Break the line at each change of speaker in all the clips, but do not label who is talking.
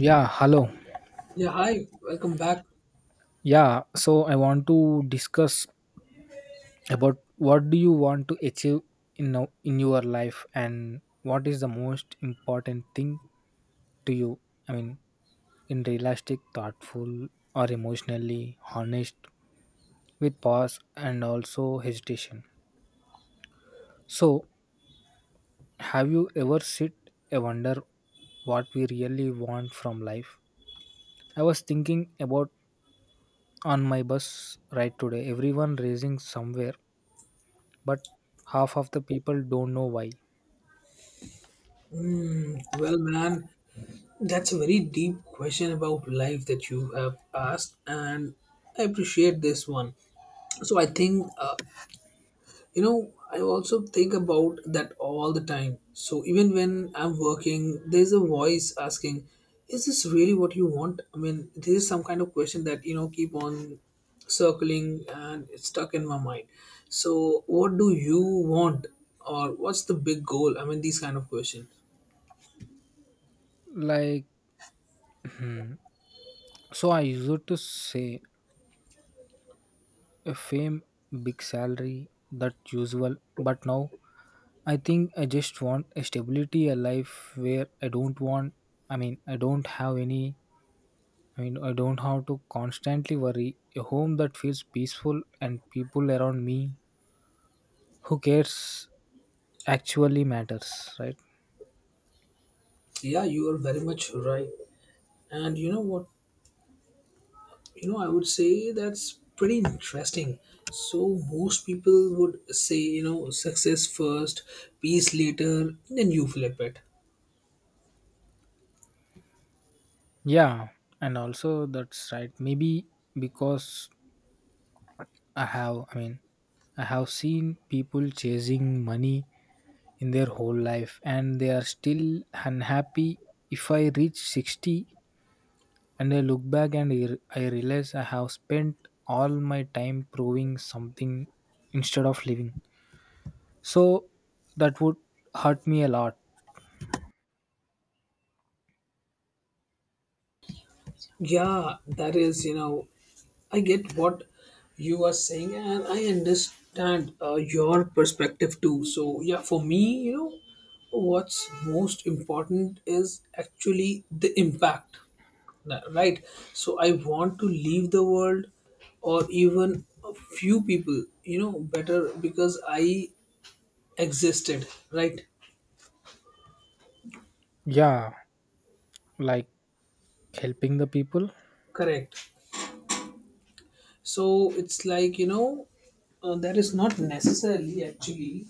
Yeah, hello.
Yeah, hi, welcome back.
Yeah, so I want to discuss about what do you want to achieve in now in your life and what is the most important thing to you? I mean, in realistic, thoughtful or emotionally honest with pause and also hesitation. So, have you ever sit and wonder what we really want from life? I was thinking about on my bus ride today, everyone racing somewhere but half of the people don't know why.
Well, man, that's a very deep question about life that you have asked, and I appreciate this one. So, I think, you know, I also think about that all the time. So, even when I'm working, there's a voice asking, "Is this really what you want?" I mean, this is some kind of question that, you know, keep on circling and it's stuck in my mind. So, what do you want? Or what's the big goal? I mean, these kind of question.
Like, hmm, so I used to say a fame, big salary, that usual. But now I think I just want a stability, a life where I don't want, I mean, I don't have any, I mean, I don't have to constantly worry, a home that feels peaceful and people around me who cares, actually matters, right?
Yeah, you are very much right. And you know what? You know, I would say that's pretty interesting. So, most people would say, you know, success first, peace later, then you flip it.
Yeah, and also that's right maybe, because I have, I mean, I have seen people chasing money in their whole life and they are still unhappy. If I reach 60 and I look back and I realize I have spent all my time proving something instead of living. So that would hurt me a lot.
Yeah, that is, you know, I get what you are saying, and I understand your perspective too. So, yeah, for me, you know, what's most important is actually the impact. Right? So, I want to leave the world or even a few people, you know, better because I existed, right?
Yeah, like helping the people.
Correct. So, it's like, you know, that is not necessarily actually,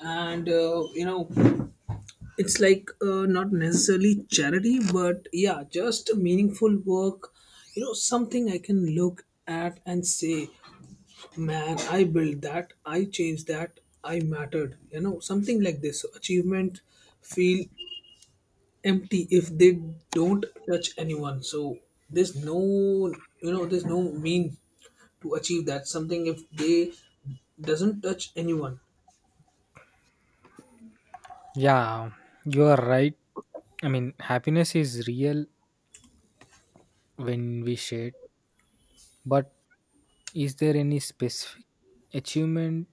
and, you know, it's like not necessarily charity, but yeah, just meaningful work, you know, something I can look at and say, "Man, I built that, I changed that, I mattered," you know, something like this. So achievement feel empty if they don't touch anyone, so there's no, you know, there's no mean to achieve that something if they doesn't touch anyone.
Yeah, you are right. I mean, happiness is real when we share, but is there any specific achievement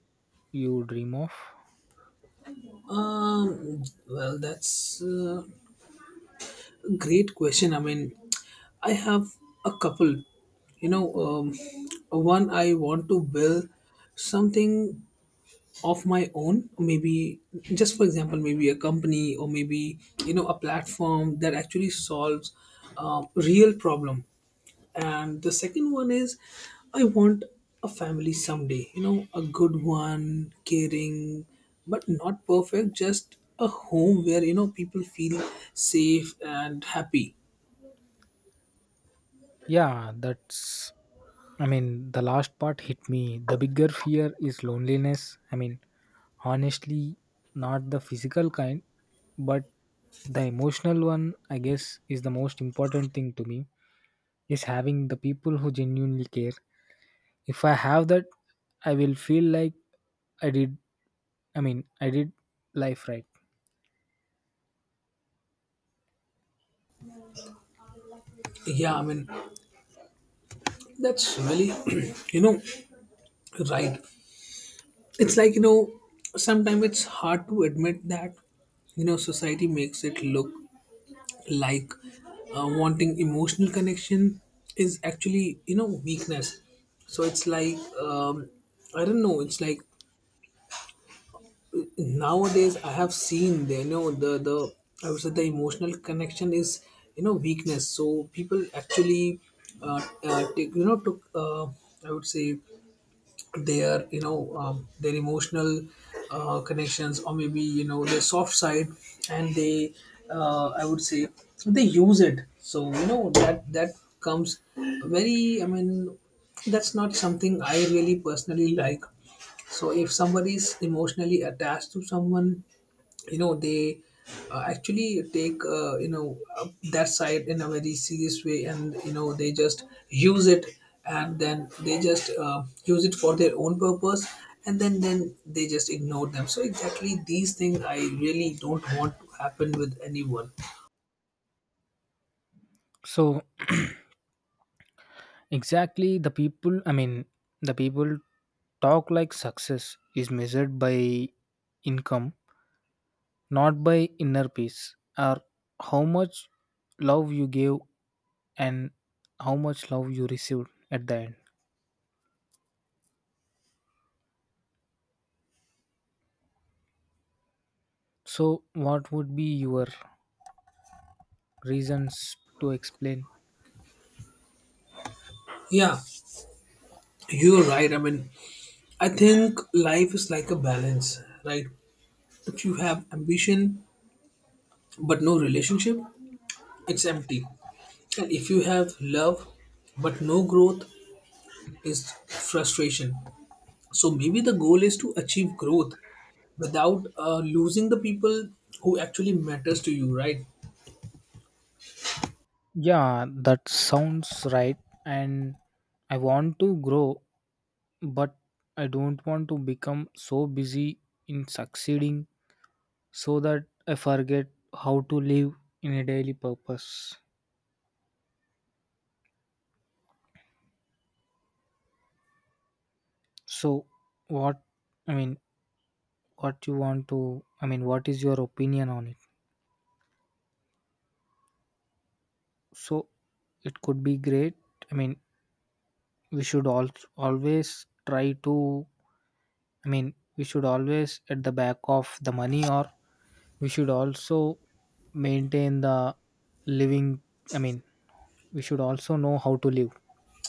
you dream of?
um well, that's great question. I mean, I have a couple. You know, one, I want to build something of my own. Maybe just for example, maybe a company or maybe, you know, a platform that actually solves a real problem. And the second one is, I want a family someday. You know, a good one, caring, but not perfect. Just a home where, you know, people feel safe and happy.
Yeah, that's, I mean, the last part hit me. The bigger fear is loneliness. I mean, honestly, not the physical kind, but the emotional one, I guess, is the most important thing to me. Is having the people who genuinely care. If I have that, I will feel like I did, I mean, I did life right.
Yeah, I mean, that's really, you know, right. It's like, you know, sometimes it's hard to admit that, you know, society makes it look like wanting emotional connection is actually, you know, weakness. So it's like, I don't know, it's like nowadays I have seen, the I would say the emotional connection is, you know, weakness. So people actually, take, you know, took, I would say, their, you know, their emotional connections or maybe, you know, their soft side, and they I would say they use it. So, you know, that comes very, I mean, that's not something I really personally like. So if somebody is emotionally attached to someone, you know, they actually take you know that side in a very serious way, and you know, they just use it, and then they just use it for their own purpose, and then they just ignore them. So exactly these things I really don't want to happen with anyone.
So, exactly, the people, I mean, the people talk like success is measured by income, not by inner peace, or how much love you gave and how much love you received at the end. So, what would be your reasons to explain?
Yeah, you're right. I mean, I think life is like a balance, right? If you have ambition but no relationship, it's empty. And if you have love but no growth, is frustration. So maybe the goal is to achieve growth without losing the people who actually matters to you, right?
Yeah, that sounds right. And I want to grow, but I don't want to become so busy in succeeding so that I forget how to live in a daily purpose. So, what, I mean, what you want to, I mean, what is your opinion on it? So, it could be great. I mean, we should all always try to, I mean, we should always at the back of the money, or we should also maintain the living. I mean, we should also know how to live.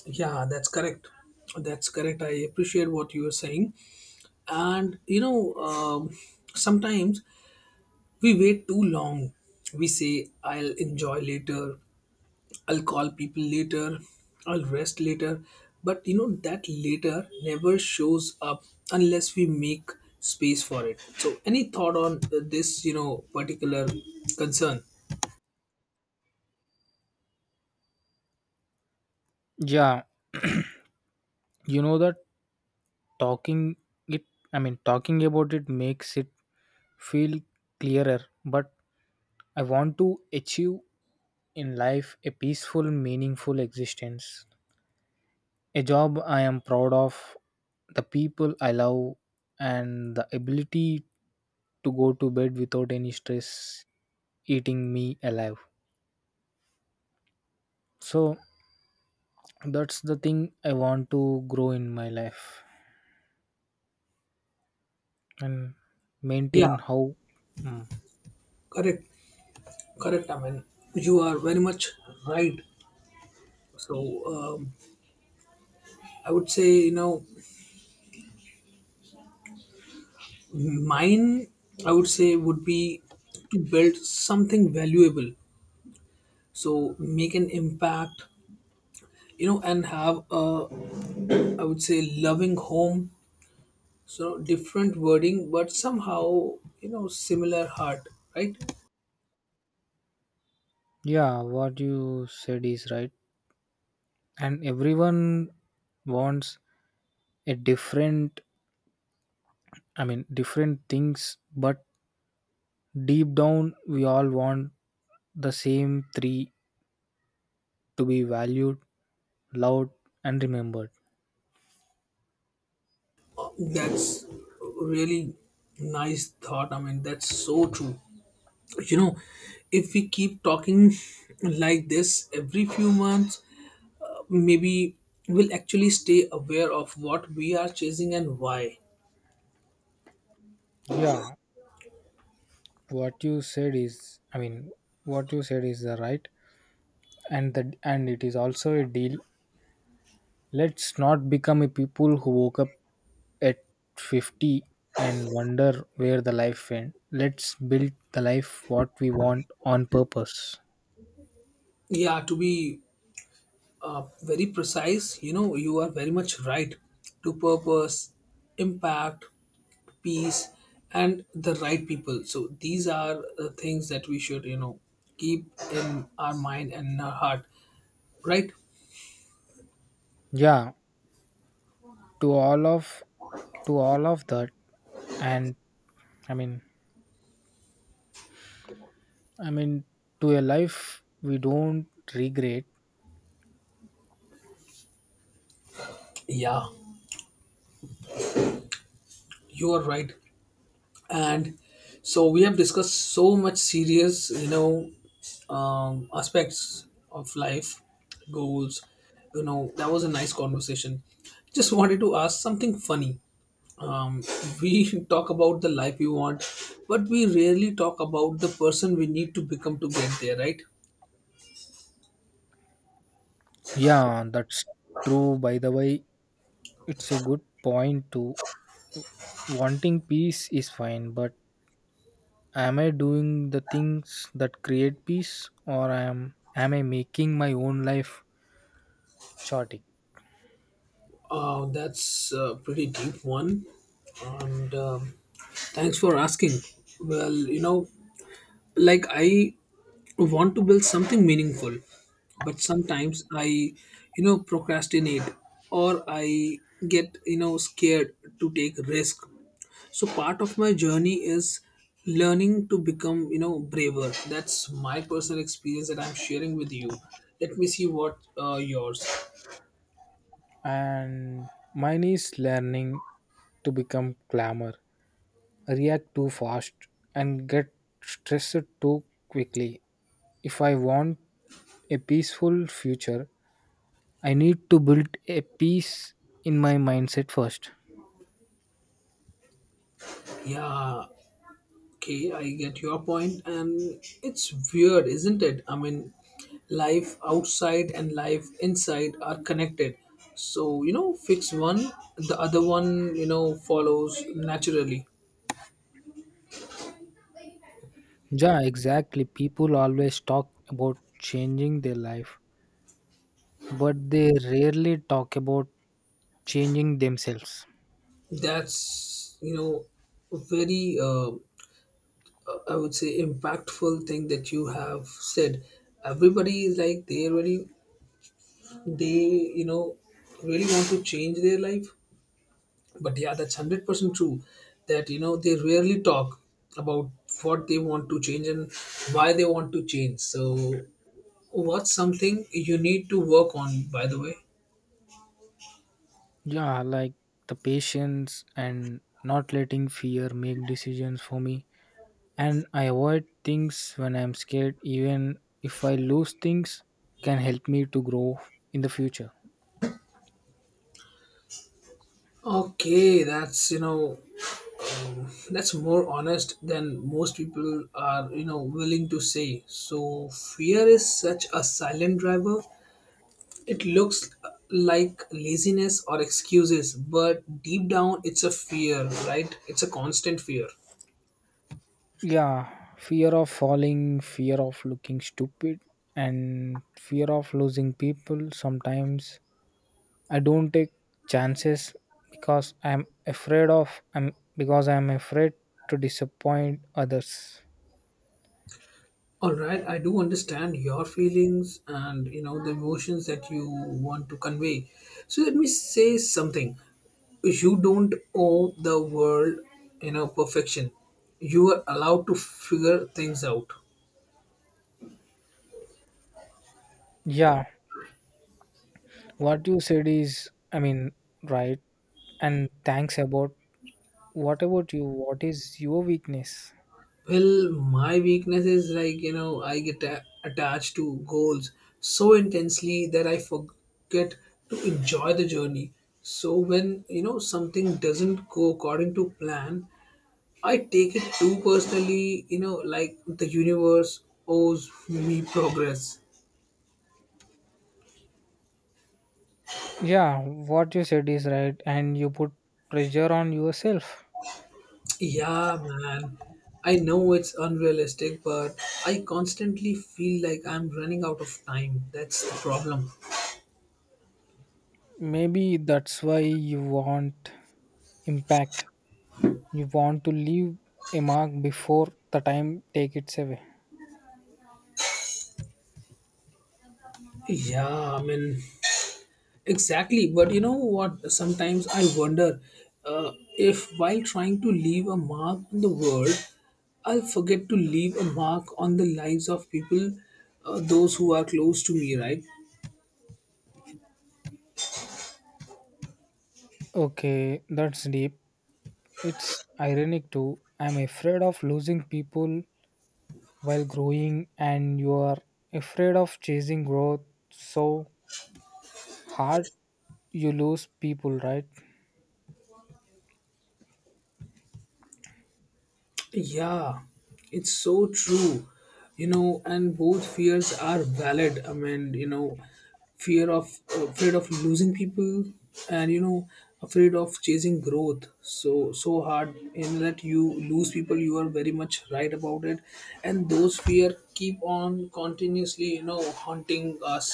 Yeah, that's correct. That's correct. I appreciate what you are saying. And you know, sometimes we wait too long. We say, "I'll enjoy later," "I'll call people later," "I'll rest later." But you know, that later never shows up unless we make space for it. So, any thought on this, you know, particular concern?
Yeah, you know that talking it, I mean, talking about it makes it feel clearer. But I want to achieve in life a peaceful, meaningful existence, a job I am proud of, the people I love, and the ability to go to bed without any stress eating me alive. So that's the thing. I want to grow in my life and
Yeah,
maintain how. Mm.
correct, correct. I mean, you are very much right. So, um, I would say, you know, mine, I would say, would be to build something valuable. So, make an impact, you know, and have a, I would say, loving home. So different wording, but somehow, you know, similar heart, right?
Yeah, what you said is right, and everyone wants a different, I mean, different things. But deep down, we all want the same three: to be valued, loved, and remembered.
Uh, that's really nice thought, I mean, that's so true, you know. If we keep talking like this every few months, maybe we'll actually stay aware of what we are chasing and why.
Yeah, what you said is, I mean, what you said is the right, and it is also a deal. Let's not become a people who woke up at 50 and wonder where the life went. Let's build the life what we want on purpose.
Yeah, to be very precise, you know, you are very much right. To purpose, impact, peace, and the right people. So these are the things that we should, you know, keep in our mind and in our heart, right?
Yeah, to all of to all of that, and, i mean I mean, to a life we don't regret.
Yeah, you are right. And so we have discussed so much serious, you know, aspects of life, goals. You know, that was a nice conversation. Just wanted to ask something funny. um, we talk about the life we want, but we rarely talk about the person we need to become to get there, right?
Yeah, that's true, by the way. It's a good point too. Wanting peace is fine, but am I doing the things that create peace, or am I making my own life chaotic?
That's a pretty deep one, and thanks for asking. Well, you know, like I want to build something meaningful, but sometimes I, you know, procrastinate or I get, you know, scared to take risk. So part of my journey is learning to become, you know, braver. That's my personal experience that I'm sharing with you. Let me see what yours.
And mine is learning to become clamor, react too fast and get stressed too quickly. If I want a peaceful future, I need to build a peace in my mindset first.
Yeah, okay, I get your point, and it's weird, isn't it? I mean, life outside and life inside are connected. So, you know, fix one, the other one, you know, follows naturally.
Yeah, exactly. People always talk about changing their life, but they rarely talk about changing themselves.
That's, you know, a very, I would say, impactful thing that you have said. Everybody is like, they really, they, you know, really want to change their life, but yeah, that's 100% true that, you know, they rarely talk about what they want to change and why they want to change. So what's something you need to work on, by the way?
Yeah, like the patience and not letting fear make decisions for me. And I avoid things when I'm scared, even if I lose things, can help me to grow in the future.
Okay, that's, you know, that's more honest than most people are, you know, willing to say. So fear is such a silent driver. It looks like laziness or excuses, but deep down it's a fear, right? It's a constant fear.
Yeah, fear of falling, fear of looking stupid, and fear of losing people. Sometimes I don't take chances because I'm afraid of, I'm, because I'm afraid to disappoint others.
All right, I do understand your feelings and, you know, the emotions that you want to convey. So let me say something. You don't owe the world, you know, perfection. You are allowed to figure things out.
Yeah, what you said is, I mean, right. And thanks about, what about you? What is your weakness?
Well, my weakness is like, you know, I get attached to goals so intensely that I forget to enjoy the journey. So when, you know, something doesn't go according to plan, I take it too personally, you know, like the universe owes me progress.
Yeah, what you said is right, and you put pressure on yourself.
Yeah, man. I know it's unrealistic, but I constantly feel like I'm running out of time. That's the problem.
Maybe that's why you want impact. You want to leave a mark before the time take it away.
Yeah, I mean, exactly. But you know what? Sometimes I wonder uh, if while trying to leave a mark on the world, I'll forget to leave a mark on the lives of people, those who are close to me, right?
Okay, that's deep. It's ironic too. I'm afraid of losing people while growing, and you are afraid of chasing growth so hard you lose people, right?
Yeah, it's so true. You know, and both fears are valid. I mean, you know, fear of afraid of losing people, and you know, afraid of chasing growth so hard in that you lose people. You are very much right about it, and those fear keep on continuously, you know, haunting us.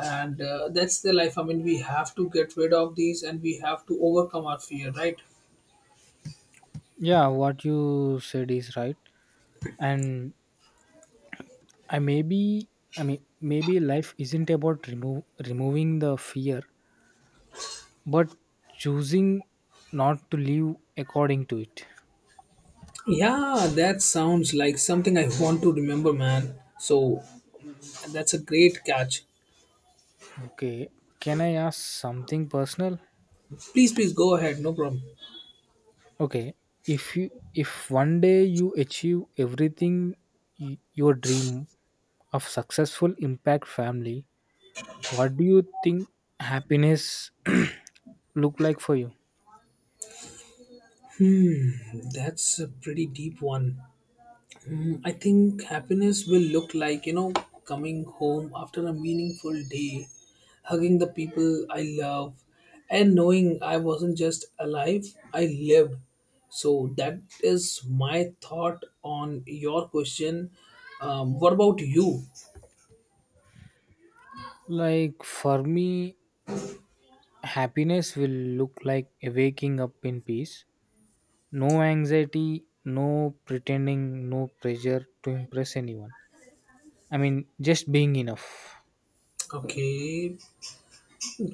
And that's the life, I mean, we have to get rid of these and we have to overcome our fear, right?
Yeah, what you said is right. And I, maybe, I mean, maybe life isn't about remove removing the fear, but choosing not to live according to it.
Yeah, that sounds like something I want to remember, man. So that's a great catch.
Okay, can I ask something personal?
Please, please go ahead, no problem.
Okay, if you if one day you achieve everything your dream of successful impact family, what do you think happiness look like for you?
That's a pretty deep one. Mm, I think happiness will look like, you know, coming home after a meaningful day, hugging the people I love, and knowing I wasn't just alive, I lived. So that is my thought on your question. What about you?
Like for me, happiness will look like a waking up in peace. No anxiety, no pretending, no pressure to impress anyone. I mean, just being enough.
Okay,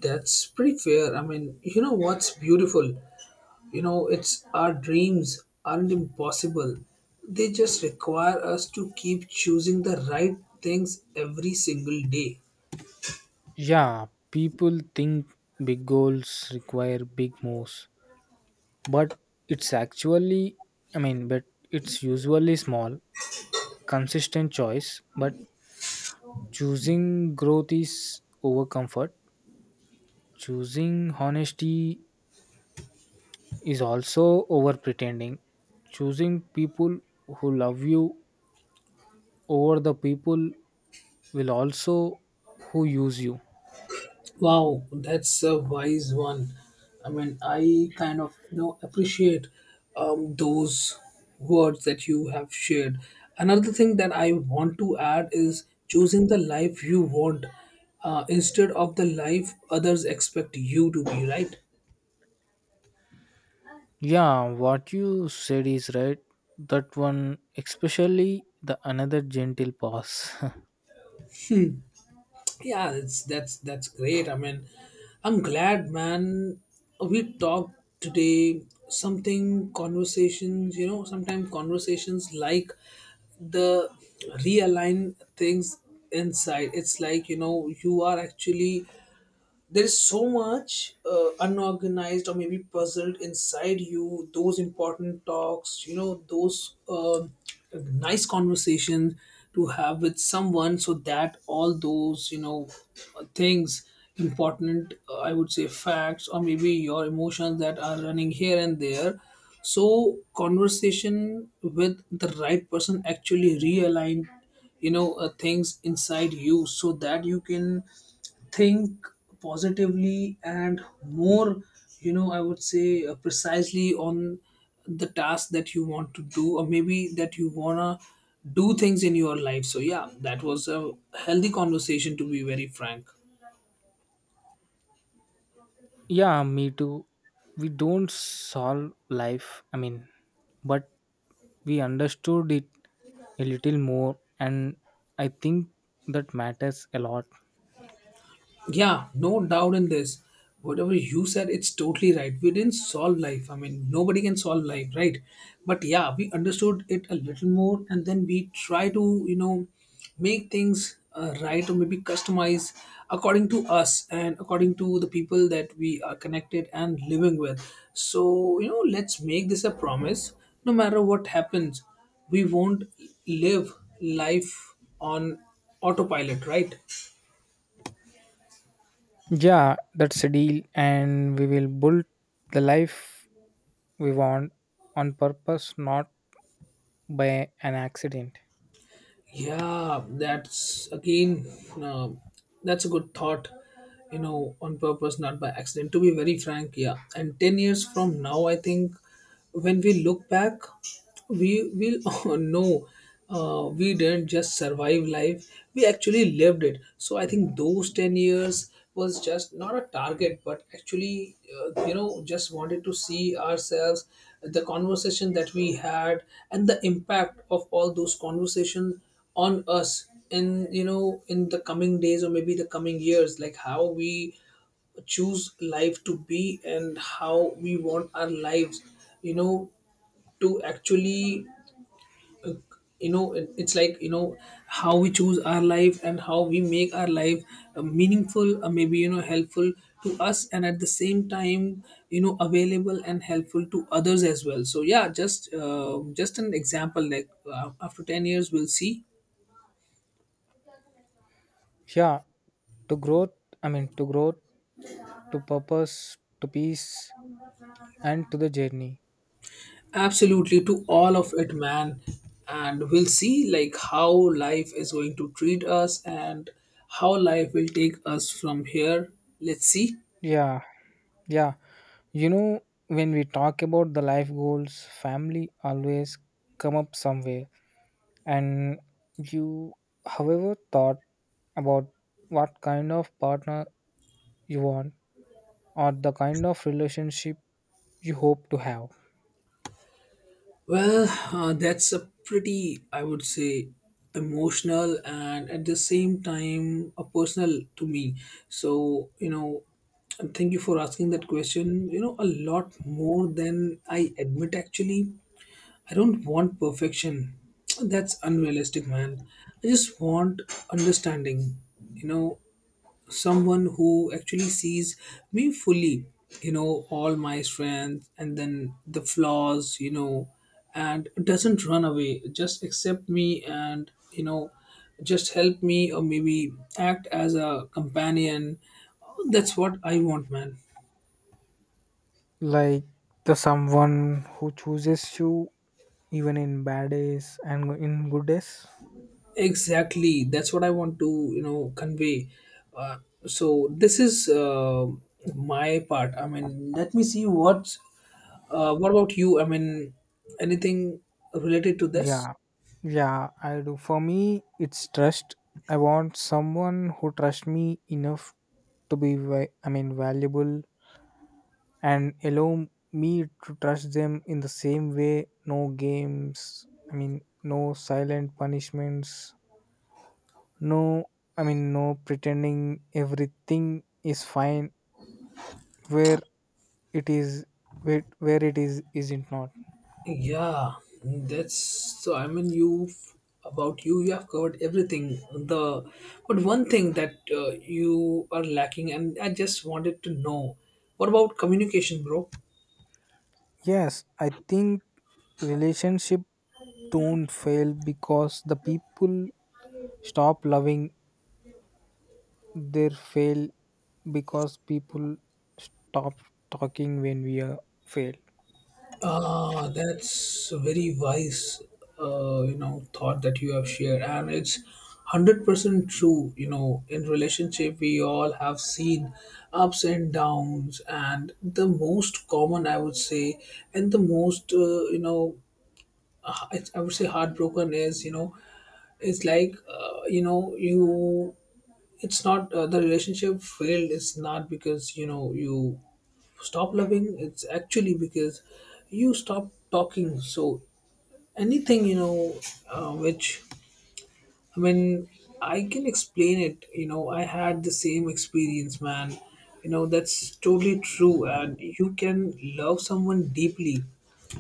that's pretty fair. I mean, you know what's beautiful? You know, it's our dreams aren't impossible. They just require us to keep choosing the right things every single day.
Yeah, people think big goals require big moves, but it's actually, I mean, but it's usually small, consistent choice. But choosing growth is over comfort, choosing honesty is also over pretending, choosing people who love you over the people will also who use you.
Wow, that's a wise one. I mean, I kind of, you know, appreciate those words that you have shared. Another thing that I want to add is choosing the life you want instead of the life others expect you to be. Right?
Yeah, what you said is right. That one, especially the another gentle pause.
Yeah, it's that's great, I mean, I'm glad, man, we talked today. Something conversations You know, sometimes conversations like the realign things inside. It's like, you know, you are actually, there is so much unorganized or maybe puzzled inside you, those important talks, you know, those nice conversations to have with someone, so that all those, you know, things important, I would say, facts or maybe your emotions that are running here and there. So conversation with the right person actually realign, you know, things inside you, so that you can think positively and more, you know, I would say, precisely on the task that you want to do or maybe that you wanna do things in your life. So yeah, that was a healthy conversation, to be very frank.
Yeah, me too. We don't solve life, I mean, but we understood it a little more, and I think that matters a lot.
Yeah, no doubt in this. Whatever you said, it's totally right. We didn't solve life. I mean, nobody can solve life, right? But yeah, we understood it a little more, and then we try to, make things right or maybe customize according to us and according to the people that we are connected and living with. So, you know, let's make this a promise. No matter what happens, we won't live life on autopilot, right?
Yeah, that's a deal, and we will build the life we want on purpose, not by an accident.
Yeah, that's again, uh, that's a good thought, you know, on purpose, not by accident. To be very frank, yeah. And 10 years from now, I think when we look back, we will know we didn't just survive life, we actually lived it. So I think those 10 years was just not a target, but actually, you know, just wanted to see ourselves, the conversation that we had and the impact of all those conversations on us, in you know in the coming days or maybe the coming years, like how we choose life to be and how we want our lives, you know, to actually, it's like, how we choose our life and how we make our life meaningful, maybe, you know, helpful to us and at the same time, you know, available and helpful to others as well. So yeah, just an example, like after 10 years we'll see.
Yeah, to growth, I mean, to growth, to purpose, to peace, and to the journey.
Absolutely, to all of it, man. And we'll see like how life is going to treat us and how life will take us from here. Let's see.
Yeah, yeah, you know, when we talk about the life goals, family always come up somewhere. And you however thought about what kind of partner you want or the kind of relationship you hope to have?
Well, that's a pretty, I would say, emotional and at the same time a personal to me. So, you know, and thank you for asking that question. You know, a lot more than I admit actually. I don't want perfection. That's unrealistic, man. I just want understanding. You know, someone who actually sees me fully, you know, all my strengths and then the flaws, you know, and doesn't run away, just accept me and, you know, just help me or maybe act as a companion. That's what I want, man.
Like the someone who chooses you even in bad days and in good days.
Exactly, that's what I want to, you know, convey. uh, so this is my part. I mean, let me see what. What about you? I mean, anything related to this?
Yeah, yeah, I do. For me, it's trust. I want someone who trusts me enough to be, I mean, valuable, and allow me to trust them in the same way. No games, I mean, no silent punishments, no, I mean, no pretending everything is fine where it is, where it is, isn't not.
Yeah, that's so. I mean, you, about you, you have covered everything. The, but one thing that you are lacking, and I just wanted to know, what about communication, bro?
Yes, I think relationship don't fail because the people stop loving. They fail because people stop talking when we are fail.
Ah, that's a very wise, you know, thought that you have shared, and it's 100% true. You know, in relationship, we all have seen ups and downs, and the most common, I would say, and the most, you know, I would say heartbroken is, you know, it's like, you know, you. It's not the relationship failed. It's not because, you know, you stop loving, it's actually because you stop talking. So anything, you know, which, I mean, I can explain it. You know, I had the same experience, man. You know, that's totally true. And you can love someone deeply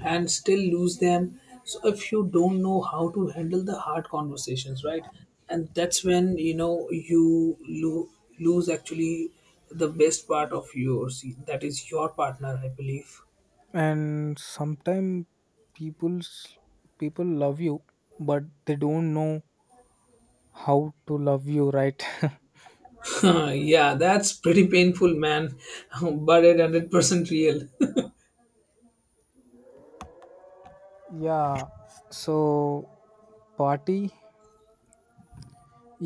and still lose them. So if you don't know how to handle the hard conversations, right? And that's when, you know, lose actually the best part of yours. That is your partner, I believe.
And sometimes people's people love you but they don't know how to love you right.
Yeah, that's pretty painful, man. But it 100% real.
Yeah. So party,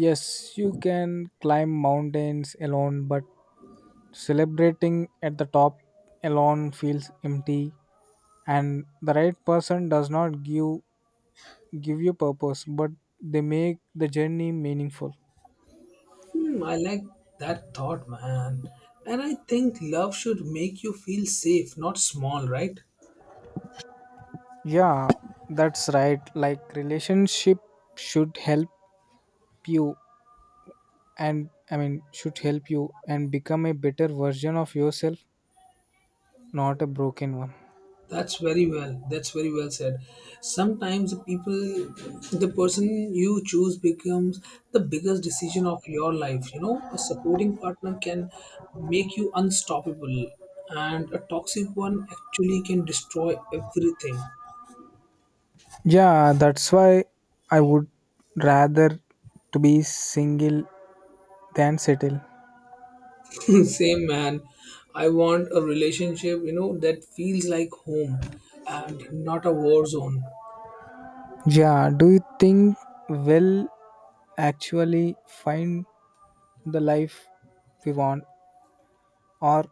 yes, you can climb mountains alone, but celebrating at the top alone feels empty, and the right person does not give you purpose, but they make the journey meaningful.
Hmm, I like that thought, man. And I think love should make you feel safe, not small, right?
Yeah, that's right. Like relationship should help you, and, I mean, should help you and become a better version of yourself, not a broken one.
That's very well. That's very well said. Sometimes the people, the person you choose becomes the biggest decision of your life. You know, a supporting partner can make you unstoppable, and a toxic one actually can destroy everything.
Yeah, that's why I would rather to be single than settle.
Same, man. I want a relationship, you know, that feels like home and not a war zone.
Yeah, do you think we'll actually find the life we want, or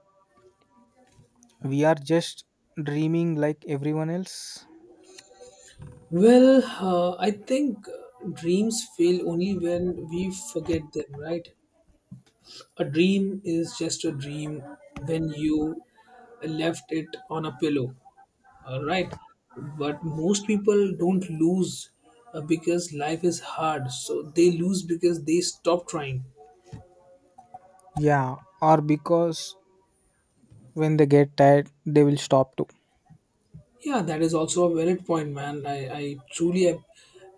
we are just dreaming like everyone else?
Well, I think dreams fail only when we forget them, right? A dream is just a dream when you left it on a pillow, all right? But most people don't lose because life is hard. So they lose because they stop trying.
Yeah, or because when they get tired, they will stop too.
Yeah, that is also a valid point, man. I truly,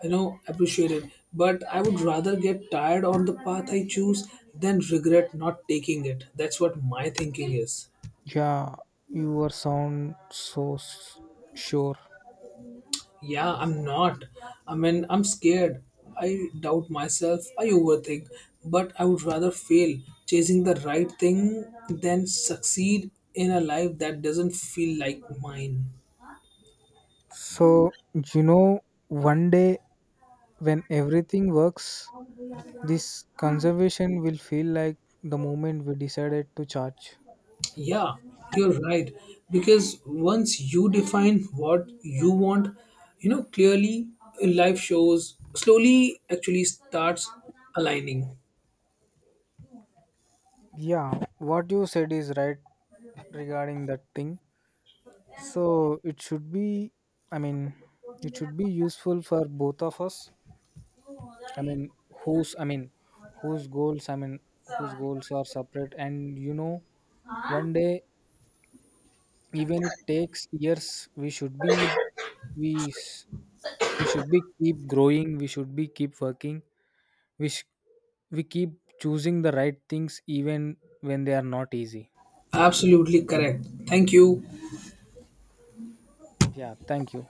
you know, appreciate it. But I would rather get tired on the path I choose than regret not taking it. That's what my thinking is.
Yeah, you were sound so sure.
Yeah, I'm not. I mean, I'm scared. I doubt myself. I overthink. But I would rather fail chasing the right thing than succeed in a life that doesn't feel like mine.
So, you know, one day when everything works, this conservation will feel like the moment we decided to charge.
Yeah, you're right. Because once you define what you want, you know, clearly, life shows slowly actually starts aligning.
Yeah, what you said is right regarding that thing. So it should be, I mean, it should be useful for both of us. I mean, I mean, whose goals, I mean, whose goals are separate. And you know, one day, even it takes years, we should be, we, we should be keep growing. We should be keep working. We, we keep choosing the right things even when they are not easy.
Absolutely correct. Thank you.
Yeah. Thank you.